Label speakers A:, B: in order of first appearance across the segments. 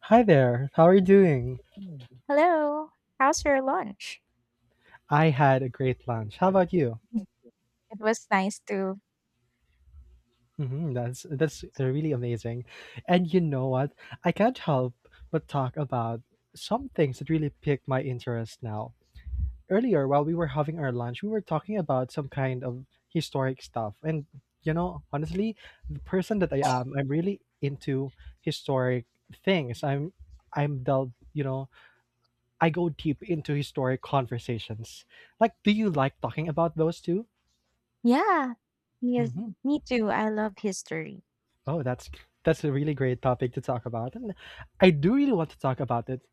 A: Hi there. How are you doing?
B: Mm. Hello. How's your lunch?
A: I had a
B: I had
A: great
B: a
A: lunch. How
B: great
A: about you?
B: time. It was nice to.
A: That's really amazing. And you know what? I can't help but talk about some things that really piqued my interest now. Earlier, while we were having our lunch, we were talking about some kind of historic stuff. And honestly, the person that I am, I'm really into historic things. I'm delved, I go deep into historic conversations. Like, do you like talking about those too?
B: Yeah. Yes,
A: Hmm.
B: me too. I love history.
A: Oh, that's a really great topic to talk about, and I do really want to talk about it,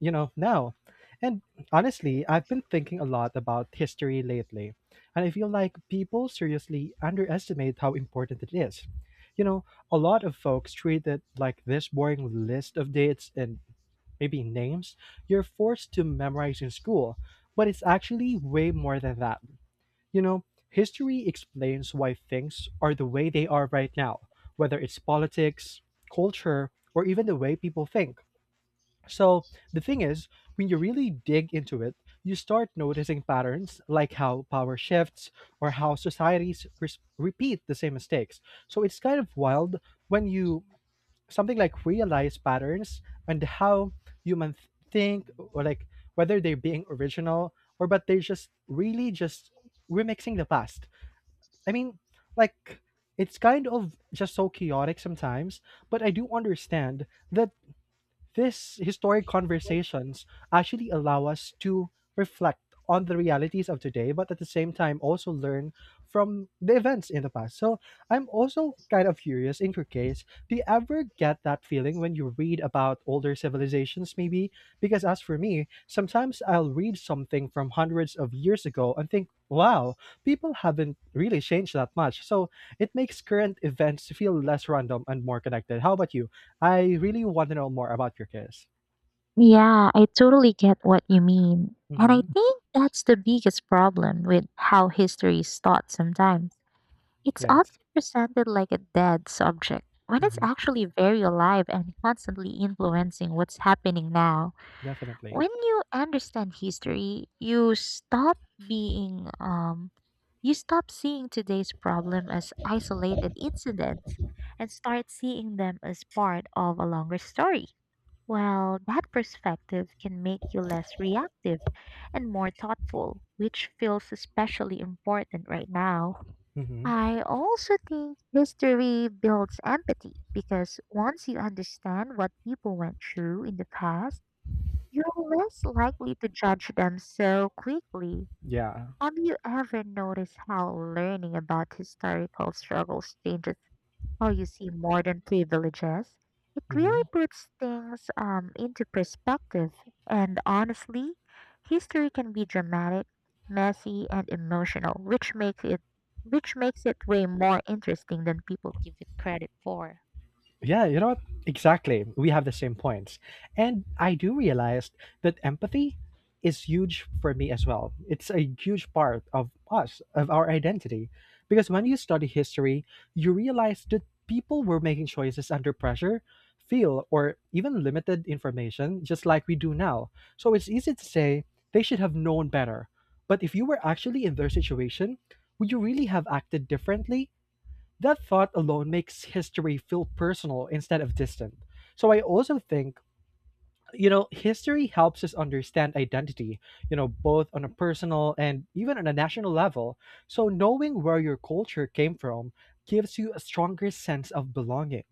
A: you know, now. And honestly, I've been thinking a lot about history lately, and I feel like people seriously underestimate how important it is. You know, a lot of folks treat it like this boring list of dates and maybe names you're forced to memorize in school, but it's actually way more than that. You know, history explains why things are the way they are right now, whether it's politics, culture, or even the way people think. So, the thing is, when you really dig into it, you start noticing patterns like how power shifts or how societies repeat the same mistakes. So, it's kind of wild when you something like realize patterns and how humans think or like whether they're being original or but they're just really just remixing the past. I mean, like it's kind of just so chaotic sometimes, but I do understand that these historic conversations actually allow us to reflect on the realities of today, but at the same time also learn from the events in the past. So I'm also kind of curious in your case, do you ever get that feeling when you read about older civilizations, maybe? Because as for me, sometimes I'll read something from hundreds of years ago and think, wow, people haven't really changed that much. So it makes current events feel less random and more connected. How about you? I really want to know more about your kiss.
B: Yeah, I totally get what you mean. And I
A: Mhm.
B: think that's the biggest problem with how history is taught sometimes. It's
A: Yes.
B: often presented like a dead subject, when it's
A: Mhm.
B: actually very alive and constantly influencing what's happening now.
A: Definitely.
B: When you understand history, being um you stop seeing today's problem as isolated incidents and start seeing them as part of a longer story. Well, that perspective can make you less reactive and more thoughtful, which feels especially important right now.
A: Mhm.
B: I also think history builds empathy because once you understand what people went through in the past, you're less likely to judge them so quickly.
A: Yeah.
B: Have you ever noticed how learning about historical struggles changes how you see modern privileges? It really
A: Mhm.
B: puts things into perspective. And honestly, history can be dramatic, messy, and emotional, which makes it way more interesting than people give it credit for.
A: Yeah, you know what? Exactly. We have the same points. And I do realize that empathy is huge for me as well. It's a huge part of us, of our identity. Because when you study history, you realize that people were making choices under pressure, feel, or even limited information, just like we do now. So it's easy to say they should have known better. But if you were actually in their situation, would you really have acted differently? That thought alone makes history feel personal instead of distant. So I also think, history helps us understand identity, both on a personal and even on a national level. So knowing where your culture came from gives you a stronger sense of belonging.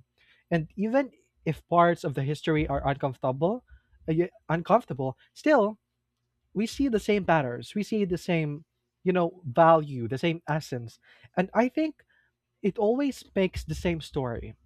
A: And even if parts of the history are uncomfortable, uncomfortable, still we see the same patterns. We see the same, value, the same essence. And I think it always makes the same story.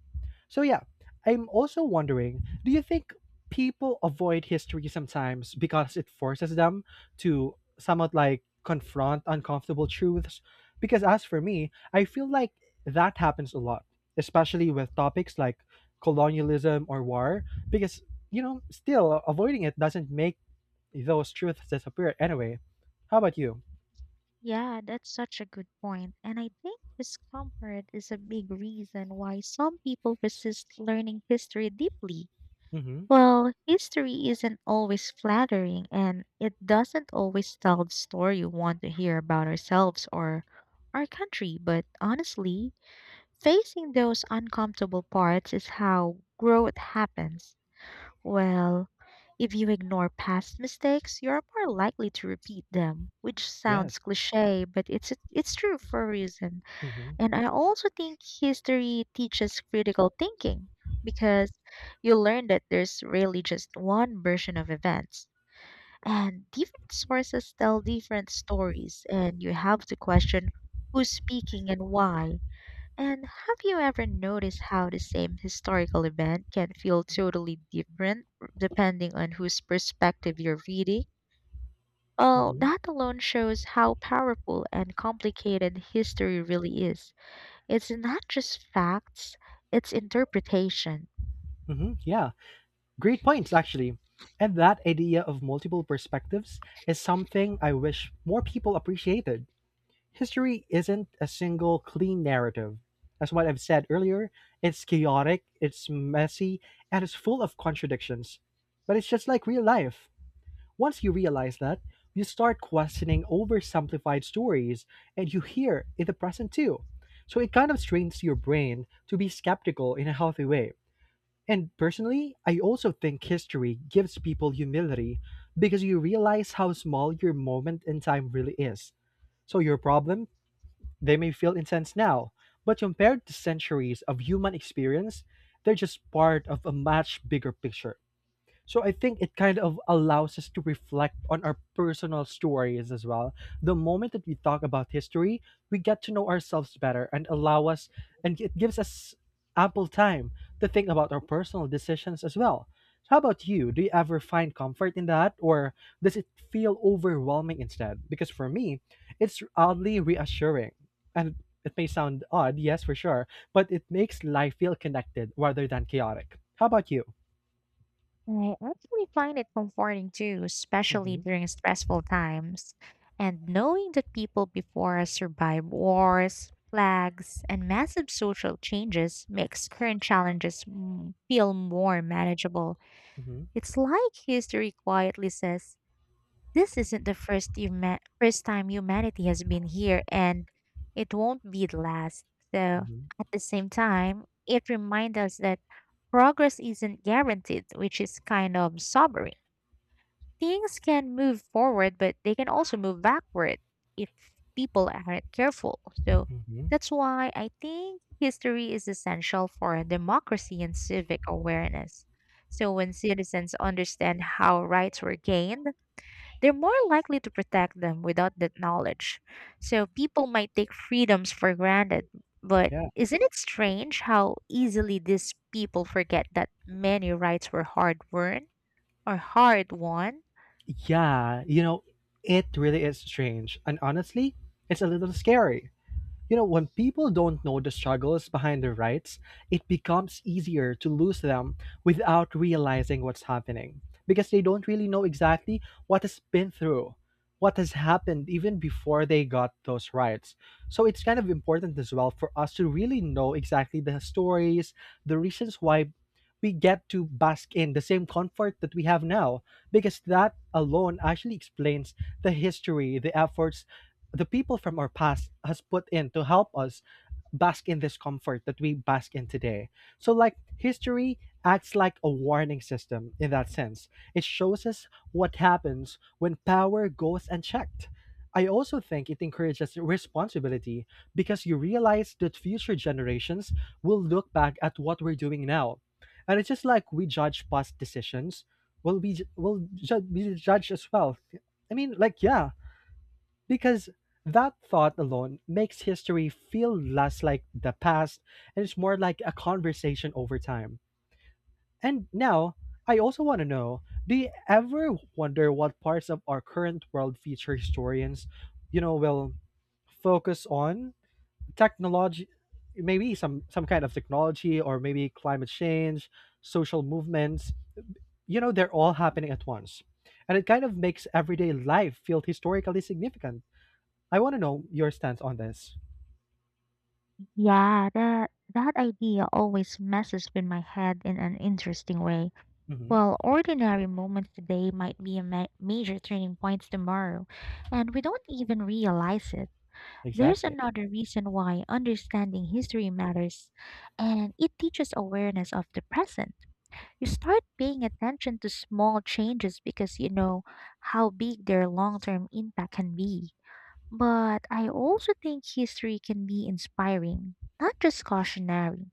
A: So yeah, I'm also wondering, do you think people avoid history sometimes because it forces them to somewhat like confront uncomfortable truths? Because as for me, I feel like that happens a lot, especially with topics like colonialism or war, because still avoiding it doesn't make those truths disappear anyway. How about you?
B: Yeah, that's such a good point. And I think discomfort is a big reason why some people resist learning history deeply.
A: Mm-hmm.
B: Well, history isn't always flattering and it doesn't always tell the story you want to hear about ourselves or our country. But honestly, facing those uncomfortable parts is how growth happens. Well, if you ignore past mistakes, you're more likely to repeat them, which
A: Yes.
B: sounds cliche, but it's true for a reason.
A: Mm-hmm.
B: And I also think history teaches critical thinking because you learn that there's really just one version of events, and different sources tell different stories, and you have to question who's speaking and why. And have you ever noticed how the same historical event can feel totally different depending on whose perspective you're reading? Well,
A: Mm-hmm.
B: that alone shows how powerful and complicated history really is. It's not just facts, it's interpretation.
A: Mm-hmm. Yeah. Great points, actually. And that idea of multiple perspectives is something I wish more people appreciated. History isn't a single clean narrative. As what I've said earlier, it's chaotic, it's messy, and it's full of contradictions. But it's just like real life. Once you realize that, you start questioning oversimplified stories, and you hear in the present too. So it kind of strains your brain to be skeptical in a healthy way. And personally, I also think history gives people humility because you realize how small your moment in time really is. So your problem, they may feel intense now, but compared to centuries of human experience, they're just part of a much bigger picture. So I think it kind of allows us to reflect on our personal stories as well. The moment that we talk about history, we get to know ourselves better and allow us, and it gives us ample time to think about our personal decisions as well. So, how about you? Do you ever find comfort in that, or does it feel overwhelming instead? Because for me, it's oddly reassuring. And it may sound odd, yes, for sure, but it makes life feel connected rather than chaotic. How about you?
B: Right, I actually find it comforting too, especially
A: Hmm.
B: during stressful times. And knowing that people before us survived wars, plagues, and massive social changes makes current challenges feel more manageable. It's like history quietly says, this isn't the first first time humanity has been here, and it won't be the last. So,
A: Mhm,
B: at the same time, it reminds us that progress isn't guaranteed, which is kind of sobering. Things can move forward, but they can also move backward if people aren't careful. So,
A: mhm.
B: that's why I think history is essential for democracy and civic awareness. So, when citizens understand how rights were gained, they're more likely to protect them without that knowledge. So people might take freedoms for granted, but
A: Yeah.
B: isn't it strange how easily these people forget that many rights were hard won or hard won?
A: Yeah, it really is strange. And honestly, it's a little scary. You know, when people don't know the struggles behind their rights, it becomes easier to lose them without realizing what's happening because they don't really know exactly what has been through, what has happened even before they got those rights. So it's kind of important as well for us to really know exactly the stories, the reasons why we get to bask in the same comfort that we have now because that alone actually explains the history, the efforts the people from our past has put in to help us bask in this comfort that we bask in today. So like history acts like a warning system in that sense. It shows us what happens when power goes unchecked. I also think it encourages responsibility because you realize that future generations will look back at what we're doing now. And it's just like we judge past decisions, will we will ju- we judge as well. Yeah, because that thought alone makes history feel less like the past and it's more like a conversation over time. And now, I also want to know do you ever wonder what parts of our current world future historians, will focus on? Technology, maybe some kind of technology or maybe climate change, social movements, they're all happening at once. And it kind of makes everyday life feel historically significant. I want to know your stance on this.
B: Yeah, that idea always messes with my head in an interesting way.
A: Hmm.
B: Well, ordinary moments today might be a major turning points tomorrow, and we don't even realize it. There's
A: Exactly.
B: another reason why understanding history matters, and it teaches awareness of the present. You start paying attention to small changes because you know how big their long term impact can be. But I also think history can be inspiring, not just cautionary.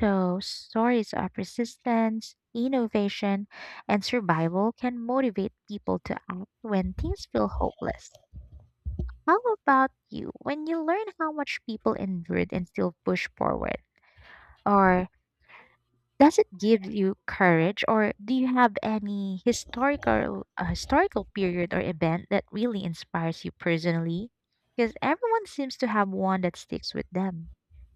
B: So, stories of resistance, innovation, and survival can motivate people to act when things feel hopeless. How about you when you learn how much people endured and still push forward? Or does it give you courage, or do you have any historical period or event that really inspires you personally? Because everyone seems to have one that sticks with them.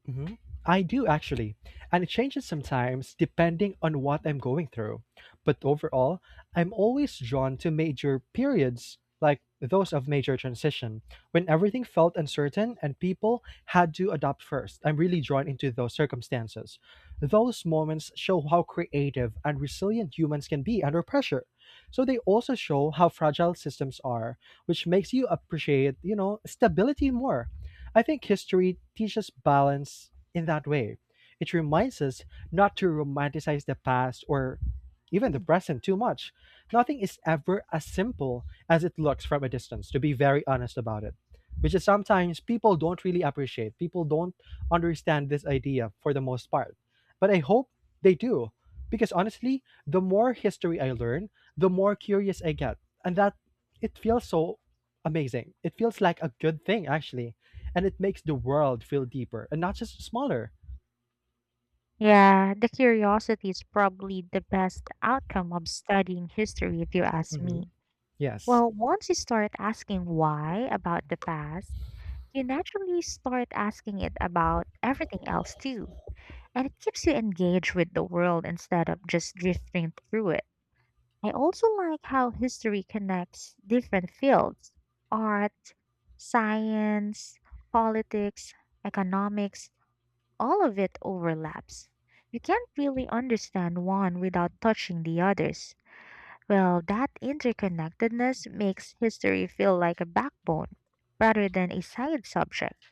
A: Mhm. I do actually, and it changes sometimes depending on what I'm going through. But overall, I'm always drawn to major periods like those of major transition when everything felt uncertain and people had to adapt first. I'm really drawn into those circumstances. Those moments show how creative and resilient humans can be under pressure. So they also show how fragile systems are, which makes you appreciate, stability more. I think history teaches balance in that way. It reminds us not to romanticize the past or even the
B: Mm.
A: present too much. Nothing is ever as simple as it looks from a distance, to be very honest about it, which is sometimes people don't really appreciate. People don't understand this idea for the most part. But I hope they do, because honestly, the more history I learn, the more curious I get. And that it feels so amazing. It feels like a good thing, actually, and it makes the world feel deeper and not just smaller.
B: Yeah, the curiosity is probably the best outcome of studying history, if you ask me.
A: Hmm. Yes.
B: Well, once you start asking why about the past, you naturally start asking it about everything else too, and it keeps you engaged with the world instead of just drifting through it. I also like how history connects different fields: art, science, politics, economics, all of it overlaps. You can't really understand one without touching the others. Well, that interconnectedness makes history feel like a backbone rather than a side subject.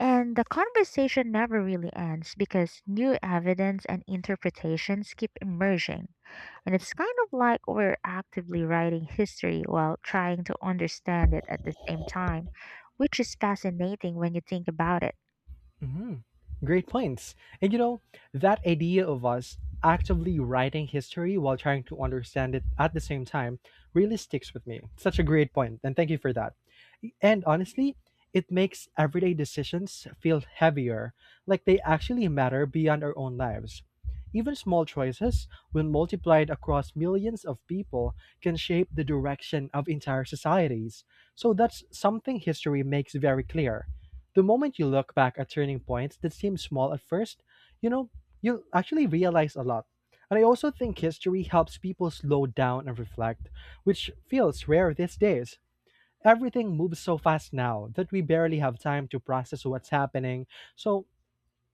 B: And the conversation never really ends because new evidence and interpretations keep emerging. And it's kind of like we're actively writing history while trying to understand it at the same time, which is fascinating when you think about it.
A: Mhm. Great points. And that idea of us actively writing history while trying to understand it at the same time really sticks with me. Such a great point, and thank you for that. And honestly, it makes everyday decisions feel heavier, like they actually matter beyond our own lives. Even small choices, when multiplied across millions of people, can shape the direction of entire societies. So that's something history makes very clear the moment you look back at turning points that seem small at first, you know, you'll actually realize a lot. And I also think history helps people slow down and reflect, which feels rare these days. Everything moves so fast now that we barely have time to process what's happening. So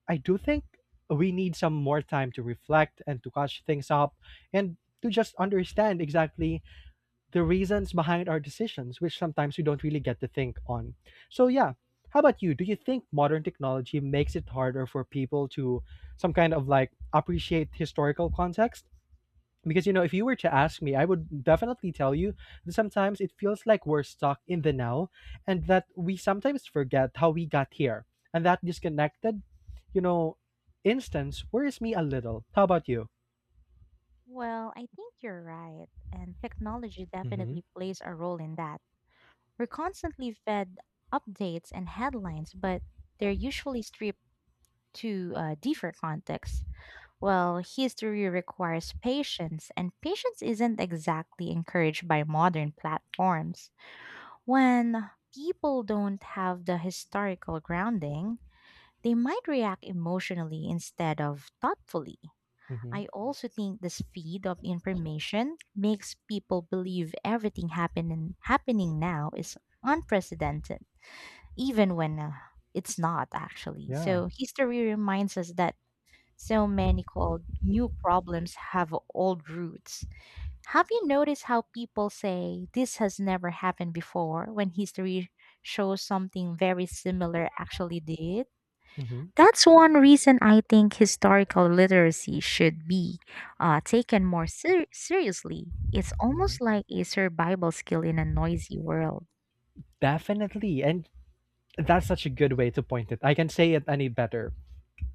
A: I do think we need some more time to reflect and to catch things up and to just understand exactly the reasons behind our decisions, which sometimes we don't really get to think on. So, yeah, how about you? Do you think modern technology makes it harder for people to some kind of like appreciate historical context? Because, if you were to ask me, I would definitely tell you that sometimes it feels like we're stuck in the now and that we sometimes forget how we got here. And that disconnected, you know, instance worries me a little. How about you?
B: Well, I think you're right, and technology
A: Mm-hmm.
B: definitely plays a role in that. We're constantly fed updates and headlines, but they're usually stripped to deeper context. Well, history requires patience, and patience isn't exactly encouraged by modern platforms. When people don't have the historical grounding, they might react emotionally instead of thoughtfully.
A: Mm-hmm.
B: I also think the speed of information makes people believe everything happening now is unprecedented, even when it's not actually.
A: Yeah.
B: So history reminds us that so many called new problems have old roots. Have you noticed how people say this has never happened before when history shows something very similar actually did?
A: Mm-hmm.
B: That's one reason I think historical literacy should be taken more seriously. It's
A: Hmm.
B: almost like a survival skill in a noisy world.
A: Definitely. And that's such a good way to point it. I can not say it any better.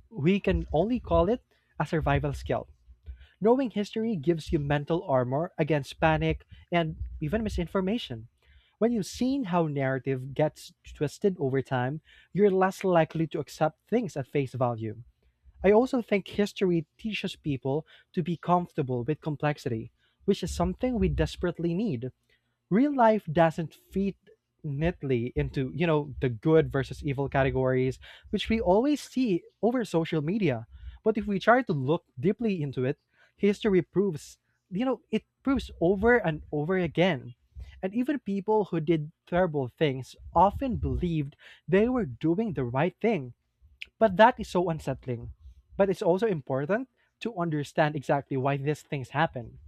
A: We can only call it a survival skill. Knowing history gives you mental armor against panic and even misinformation. When you've seen how narrative gets twisted over time, you're less likely to accept things at face value. I also think history teaches people to be comfortable with complexity, which is something we desperately need. Real life doesn't fit neatly into the good versus evil categories which we always see over social media. But if we try to look deeply into it, history proves, it proves over and over again. And even people who did terrible things often believed they were doing the right thing, but that is so unsettling. But it's also important to understand exactly why these things happen.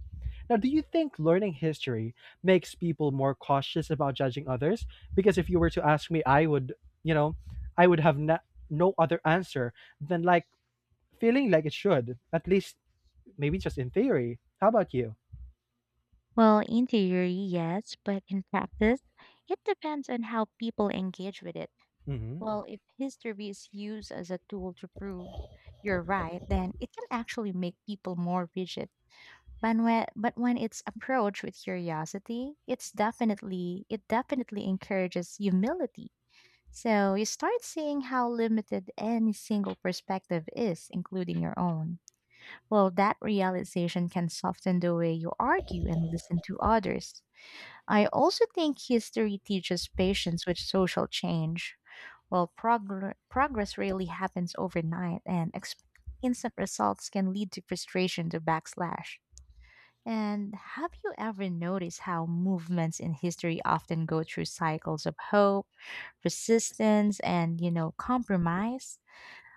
A: Now, do you think learning history makes people more cautious about judging others? Because if you were to ask me, I would, you know, I would have no other answer than, like, feeling like it should, at least maybe just in theory. How about you?
B: Well, in theory, yes, but in practice, it depends on how people engage with it.
A: Hmm.
B: Well, if history is used as a tool to prove you're right, then it can actually make people more rigid. But when it's approached with curiosity, it definitely encourages humility. So you start seeing how limited any single perspective is, including your own. Well, that realization can soften the way you argue and listen to others. I also think history teaches patience with social change. Well, progress rarely happens overnight, and instant results can lead to frustration to backslash. And have you ever noticed how movements in history often go through cycles of hope, resistance, and compromise?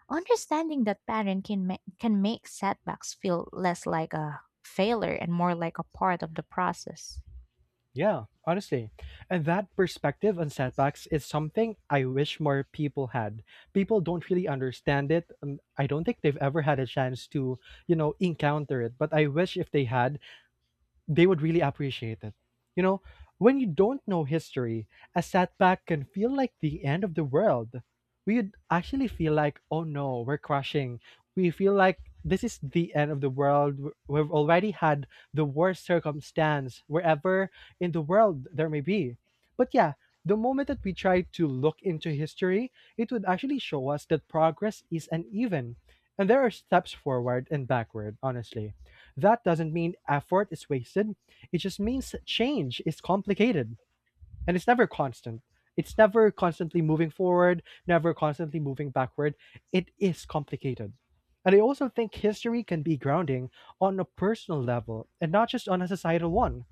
B: Understanding that pattern can make setbacks feel less like a failure and more like a part of the process.
A: Yeah, honestly. And that perspective on setbacks is something I wish more people had. People don't really understand it, and I don't think they've ever had a chance to, encounter it. But I wish if they had, they would really appreciate it. You know, when you don't know history, a setback can feel like the end of the world. We'd actually feel like, oh no, we're crashing. We feel like this is the end of the world. We've already had the worst circumstance wherever in the world there may be. But yeah, the moment that we try to look into history, it would actually show us that progress is uneven and there are steps forward and backward. Honestly, that doesn't mean effort is wasted. It just means change is complicated and it's never constant. It's never constantly moving forward, never constantly moving backward. It is complicated. And I also think history can be grounding on a personal level and not just on a societal one.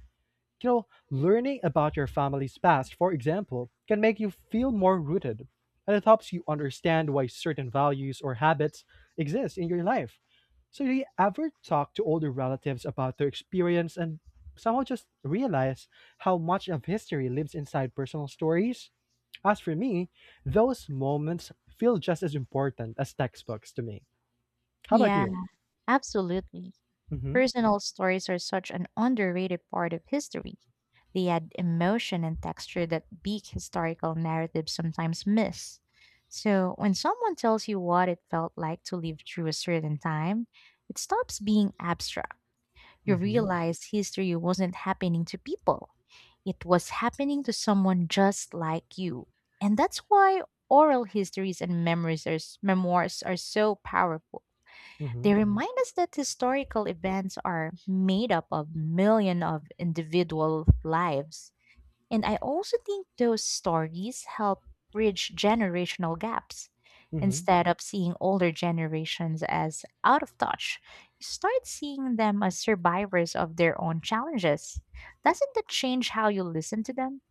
A: You know, learning about your family's past, for example, can make you feel more rooted, and it helps you understand why certain values or habits exist in your life. So, do you ever talk to older relatives about their experience and somehow just realize how much of history lives inside personal stories? As for me, those moments feel just as important as textbooks to me. How about
B: Yeah,
A: you?
B: absolutely.
A: Mm-hmm.
B: Personal stories are such an underrated part of history. They add emotion and texture that big historical narratives sometimes miss. So, when someone tells you what it felt like to live through a certain time, it stops being abstract. You
A: Mm-hmm.
B: realize history wasn't happening to people, it was happening to someone just like you. And that's why oral histories and memoirs are so powerful.
A: Mm-hmm.
B: They remind us that historical events are made up of millions of individual lives. And I also think those stories help bridge generational gaps.
A: Mm-hmm.
B: Instead of seeing older generations as out of touch, you start seeing them as survivors of their own challenges. Doesn't that change how you listen to them?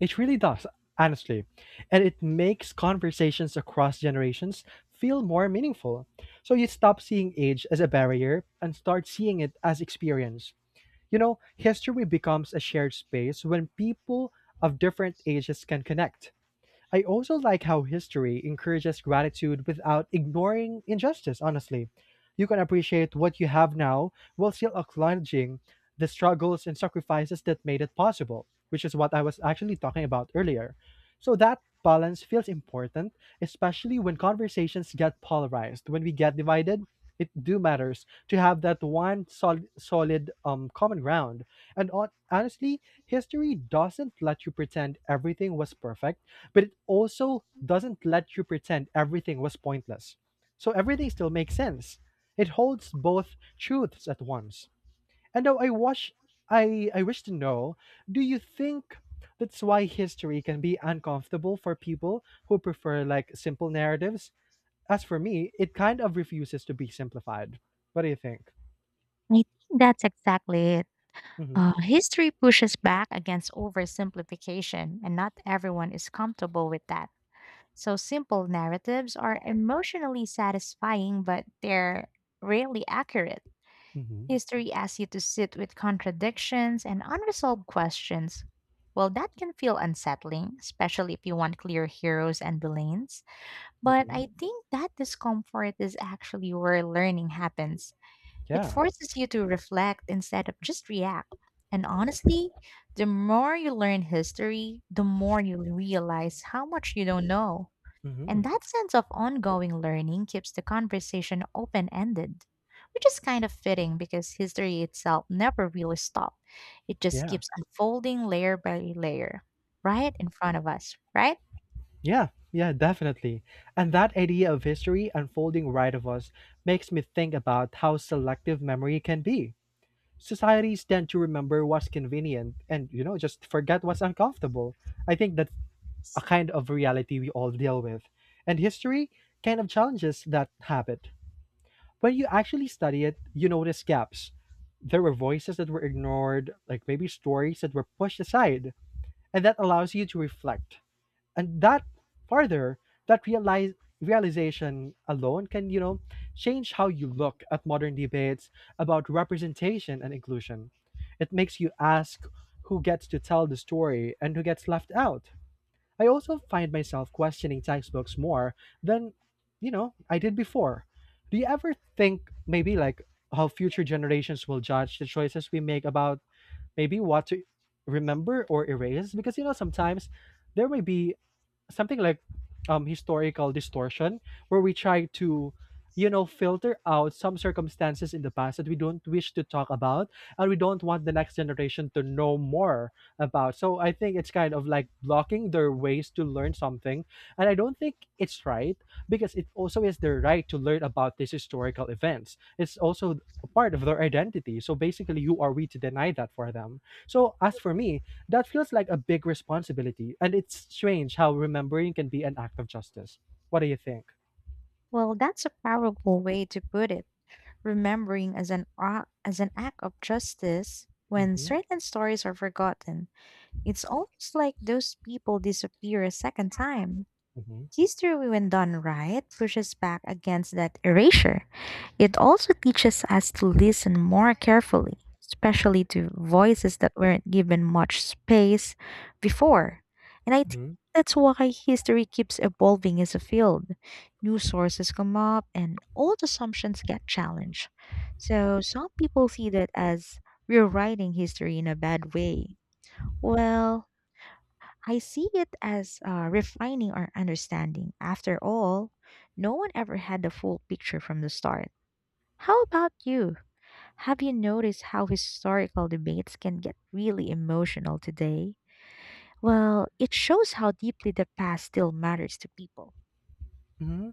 A: It really does, honestly. And it makes conversations across generations feel more meaningful. So you stop seeing age as a barrier and start seeing it as experience. You know, history becomes a shared space when people of different ages can connect. I also like how history encourages gratitude without ignoring injustice, honestly. You can appreciate what you have now while still acknowledging the struggles and sacrifices that made it possible, which is what I was actually talking about earlier. So that balance feels important, especially when conversations get polarized, when we get divided. It do matters to have that one solid, common ground. And on, honestly, history doesn't let you pretend everything was perfect, but it also doesn't let you pretend everything was pointless. So everything still makes sense. It holds both truths at once. And now I wish, I wish to know, do you think that's why history can be uncomfortable for people who prefer, like, simple narratives? As for me, it kind of refuses to be simplified. What do you think?
B: I think that's exactly it.
A: Mm-hmm.
B: History pushes back against oversimplification, and not everyone is comfortable with that. So simple narratives are emotionally satisfying, but they're rarely accurate.
A: Mm-hmm.
B: History asks you to sit with contradictions and unresolved questions. Well, that can feel unsettling, especially if you want clear heroes and villains. But
A: Mm-hmm.
B: I think that discomfort is actually where learning happens. It
A: Yeah.
B: forces you to reflect instead of just react. And honestly, the more you learn history, the more you realize how much you don't know.
A: Mm-hmm.
B: And that sense of ongoing learning keeps the conversation open ended, which is kind of fitting because history itself never really stops. It just
A: Yeah.
B: keeps unfolding layer by layer, right in front of us, right?
A: Yeah, yeah, definitely. And that idea of history unfolding right of us makes me think about how selective memory can be. Societies tend to remember what's convenient and, just forget what's uncomfortable. I think that's a kind of reality we all deal with. And history kind of challenges that habit. When you actually study it, you notice gaps. There were voices that were ignored, like maybe stories that were pushed aside. And that allows you to reflect, and that further that realize realization alone can, change how you look at modern debates about representation and inclusion. It makes you ask who gets to tell the story and who gets left out. I also find myself questioning textbooks more than, I did before. Do you ever think, maybe, like, how future generations will judge the choices we make about maybe what to remember or erase? Because, you know, sometimes there may be something like, historical distortion, where we try to, filter out some circumstances in the past that we don't wish to talk about, and we don't want the next generation to know more about. So I think it's kind of like blocking their ways to learn something, and I don't think it's right, because it also is their right to learn about these historical events. It's also a part of their identity, so basically who are we to deny that for them? So as for me, that feels like a big responsibility, and it's strange how remembering can be an act of justice. What do you think?
B: Well, that's a powerful way to put it. Remembering as an act of justice. When
A: Mm-hmm,
B: certain stories are forgotten, it's almost like those people disappear a second time.
A: mm-hmm,
B: History, when done right, pushes back against that erasure. It also teaches us to listen more carefully, especially to voices that weren't given much space before. And I think
A: mm-hmm,
B: that's why history keeps evolving as a field. New sources come up and old assumptions get challenged. So some people see that as rewriting history in a bad way. Well, I see it as refining our understanding. After all, no one ever had the full picture from the start. How about you? Have you noticed how historical debates can get really emotional today? Well, it shows how deeply the past still matters to people.
A: mm-hmm.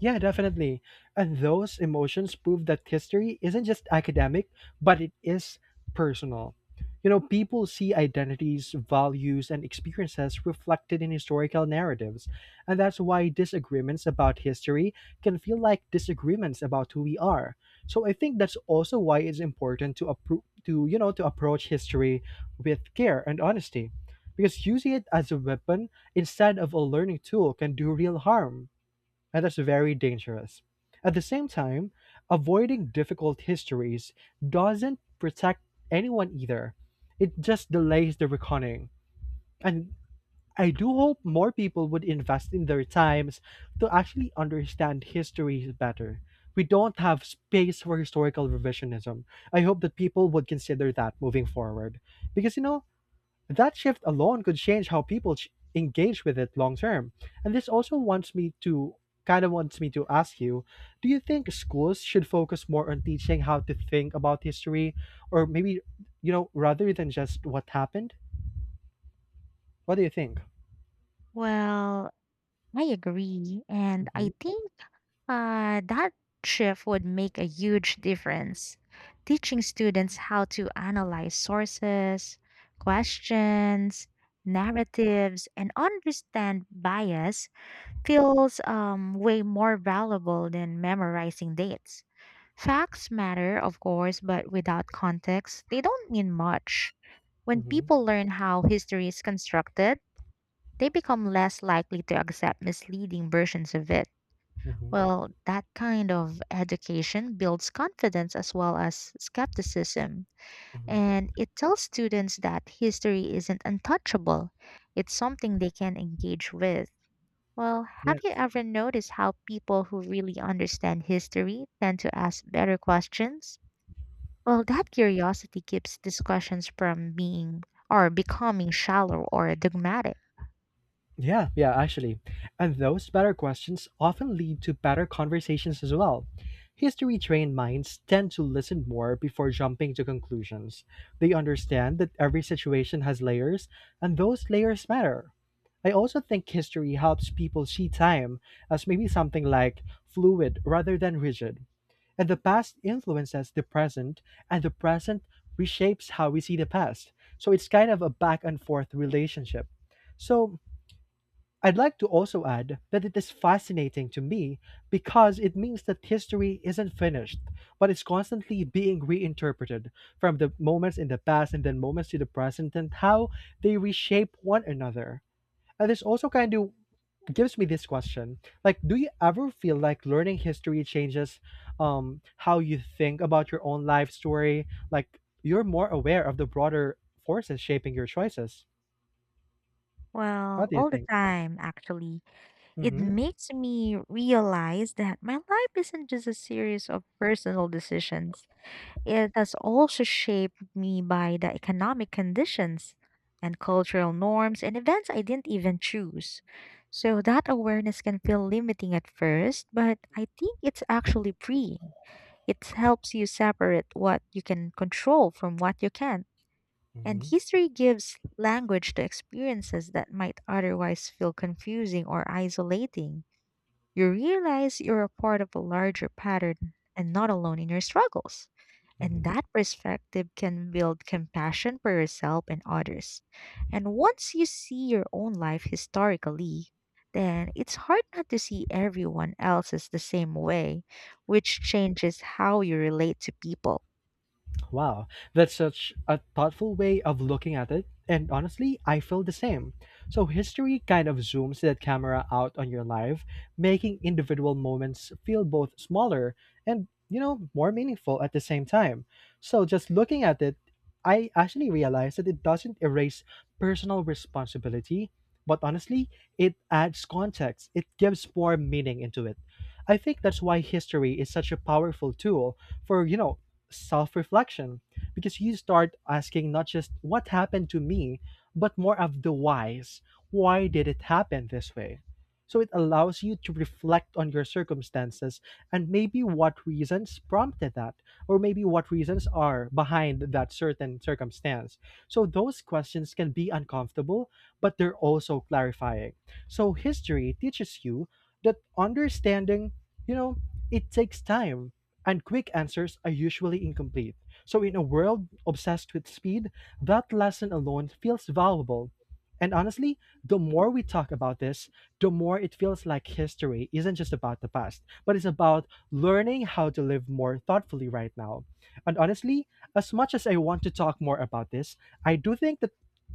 A: Yeah, definitely. And those emotions prove that history isn't just academic, but it is personal. You know, people see identities, values, and experiences reflected in historical narratives. And that's why disagreements about history can feel like disagreements about who we are. So I think that's also why it's important to to, to approach history with care and honesty. Because using it as a weapon instead of a learning tool can do real harm, and that's very dangerous. At the same time, avoiding difficult histories doesn't protect anyone either. It just delays the reckoning. And I do hope more people would invest in their times to actually understand history better. We don't have space for historical revisionism. I hope that people would consider that moving forward. Because, you know, that shift alone could change how people engage with it long term. And this also wants me to ask you, do you think schools should focus more on teaching how to think about history, or maybe, you know, rather than just what happened? What do you think?
B: Well, I agree. And I
A: Hmm.
B: think that shift would make a huge difference. Teaching students how to analyze sources, questions, narratives, and understand bias feels way more valuable than memorizing dates. Facts matter, of course, but without context, they don't mean much. When
A: Hmm.
B: people learn how history is constructed, they become less likely to accept misleading versions of it.
A: Hmm.
B: Well, that kind of education builds confidence as well as skepticism.
A: Hmm.
B: And it tells students that history isn't untouchable, it's something they can engage with. Well, have you
A: Yes.
B: ever noticed how people who really understand history tend to ask better questions? Well, that curiosity keeps discussions from being or becoming shallow or dogmatic.
A: Yeah, yeah, actually. And those better questions often lead to better conversations as well. History trained minds tend to listen more before jumping to conclusions. They understand that every situation has layers, and those layers matter. I also think history helps people see time as maybe something like fluid rather than rigid. And the past influences the present, and the present reshapes how we see the past. So it's kind of a back and forth relationship. So, I'd like to also add that it is fascinating to me because it means that history isn't finished, but it's constantly being reinterpreted from the moments in the past and then moments to the present and how they reshape one another. And this also kind of gives me this question, like, do you ever feel like learning history changes, how you think about your own life story, like you're more aware of the broader forces shaping your choices? What
B: Well,
A: do you
B: all the
A: think?
B: time, actually. It
A: Mm-hmm.
B: makes me realize that my life isn't just a series of personal decisions. It has also shaped me by the economic conditions and cultural norms and events I didn't even choose. So that awareness can feel limiting at first, but I think it's actually freeing. It helps you separate what you can control from what you can't. And
A: Mm-hmm.
B: history gives language to experiences that might otherwise feel confusing or isolating. You realize you're a part of a larger pattern and not alone in your struggles. And
A: Mm-hmm.
B: that perspective can build compassion for yourself and others. And once you see your own life historically, then it's hard not to see everyone else's the same way, which changes how you relate to people.
A: Wow, that's such a thoughtful way of looking at it. And honestly, I feel the same. So, history kind of zooms that camera out on your life, making individual moments feel both smaller and, you know, more meaningful at the same time. So, just looking at it, I actually realized that it doesn't erase personal responsibility, but honestly, it adds context, it gives more meaning into it. I think that's why history is such a powerful tool for, self reflection, because you start asking not just what happened to me, but more of the whys. Why did it happen this way? So it allows you to reflect on your circumstances and maybe what reasons prompted that, or maybe what reasons are behind that certain circumstance. So those questions can be uncomfortable, but they're also clarifying. So history teaches you that understanding, you know, it takes time, and quick answers are usually incomplete. So, in a world obsessed with speed, that lesson alone feels valuable. And honestly, the more we talk about this, the more it feels like history isn't just about the past, but it's about learning how to live more thoughtfully right now. And honestly, as much as I want to talk more about this, I do think that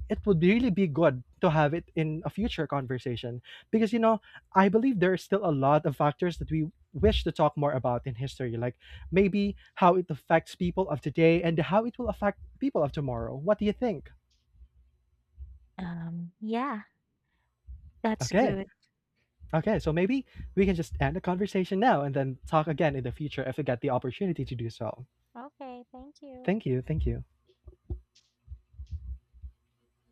A: it would really be good to have it in a future conversation, because, you know, I believe there are still a lot of factors that we wish to talk more about in history, like maybe how it affects people of today and how it will affect people of tomorrow. What do you think?
B: Yeah, that's
A: Okay.
B: good.
A: Okay. So maybe we can just end the conversation now and then talk again in the future if we get the opportunity to do so.
B: Okay, thank you.
A: Thank you. Thank you.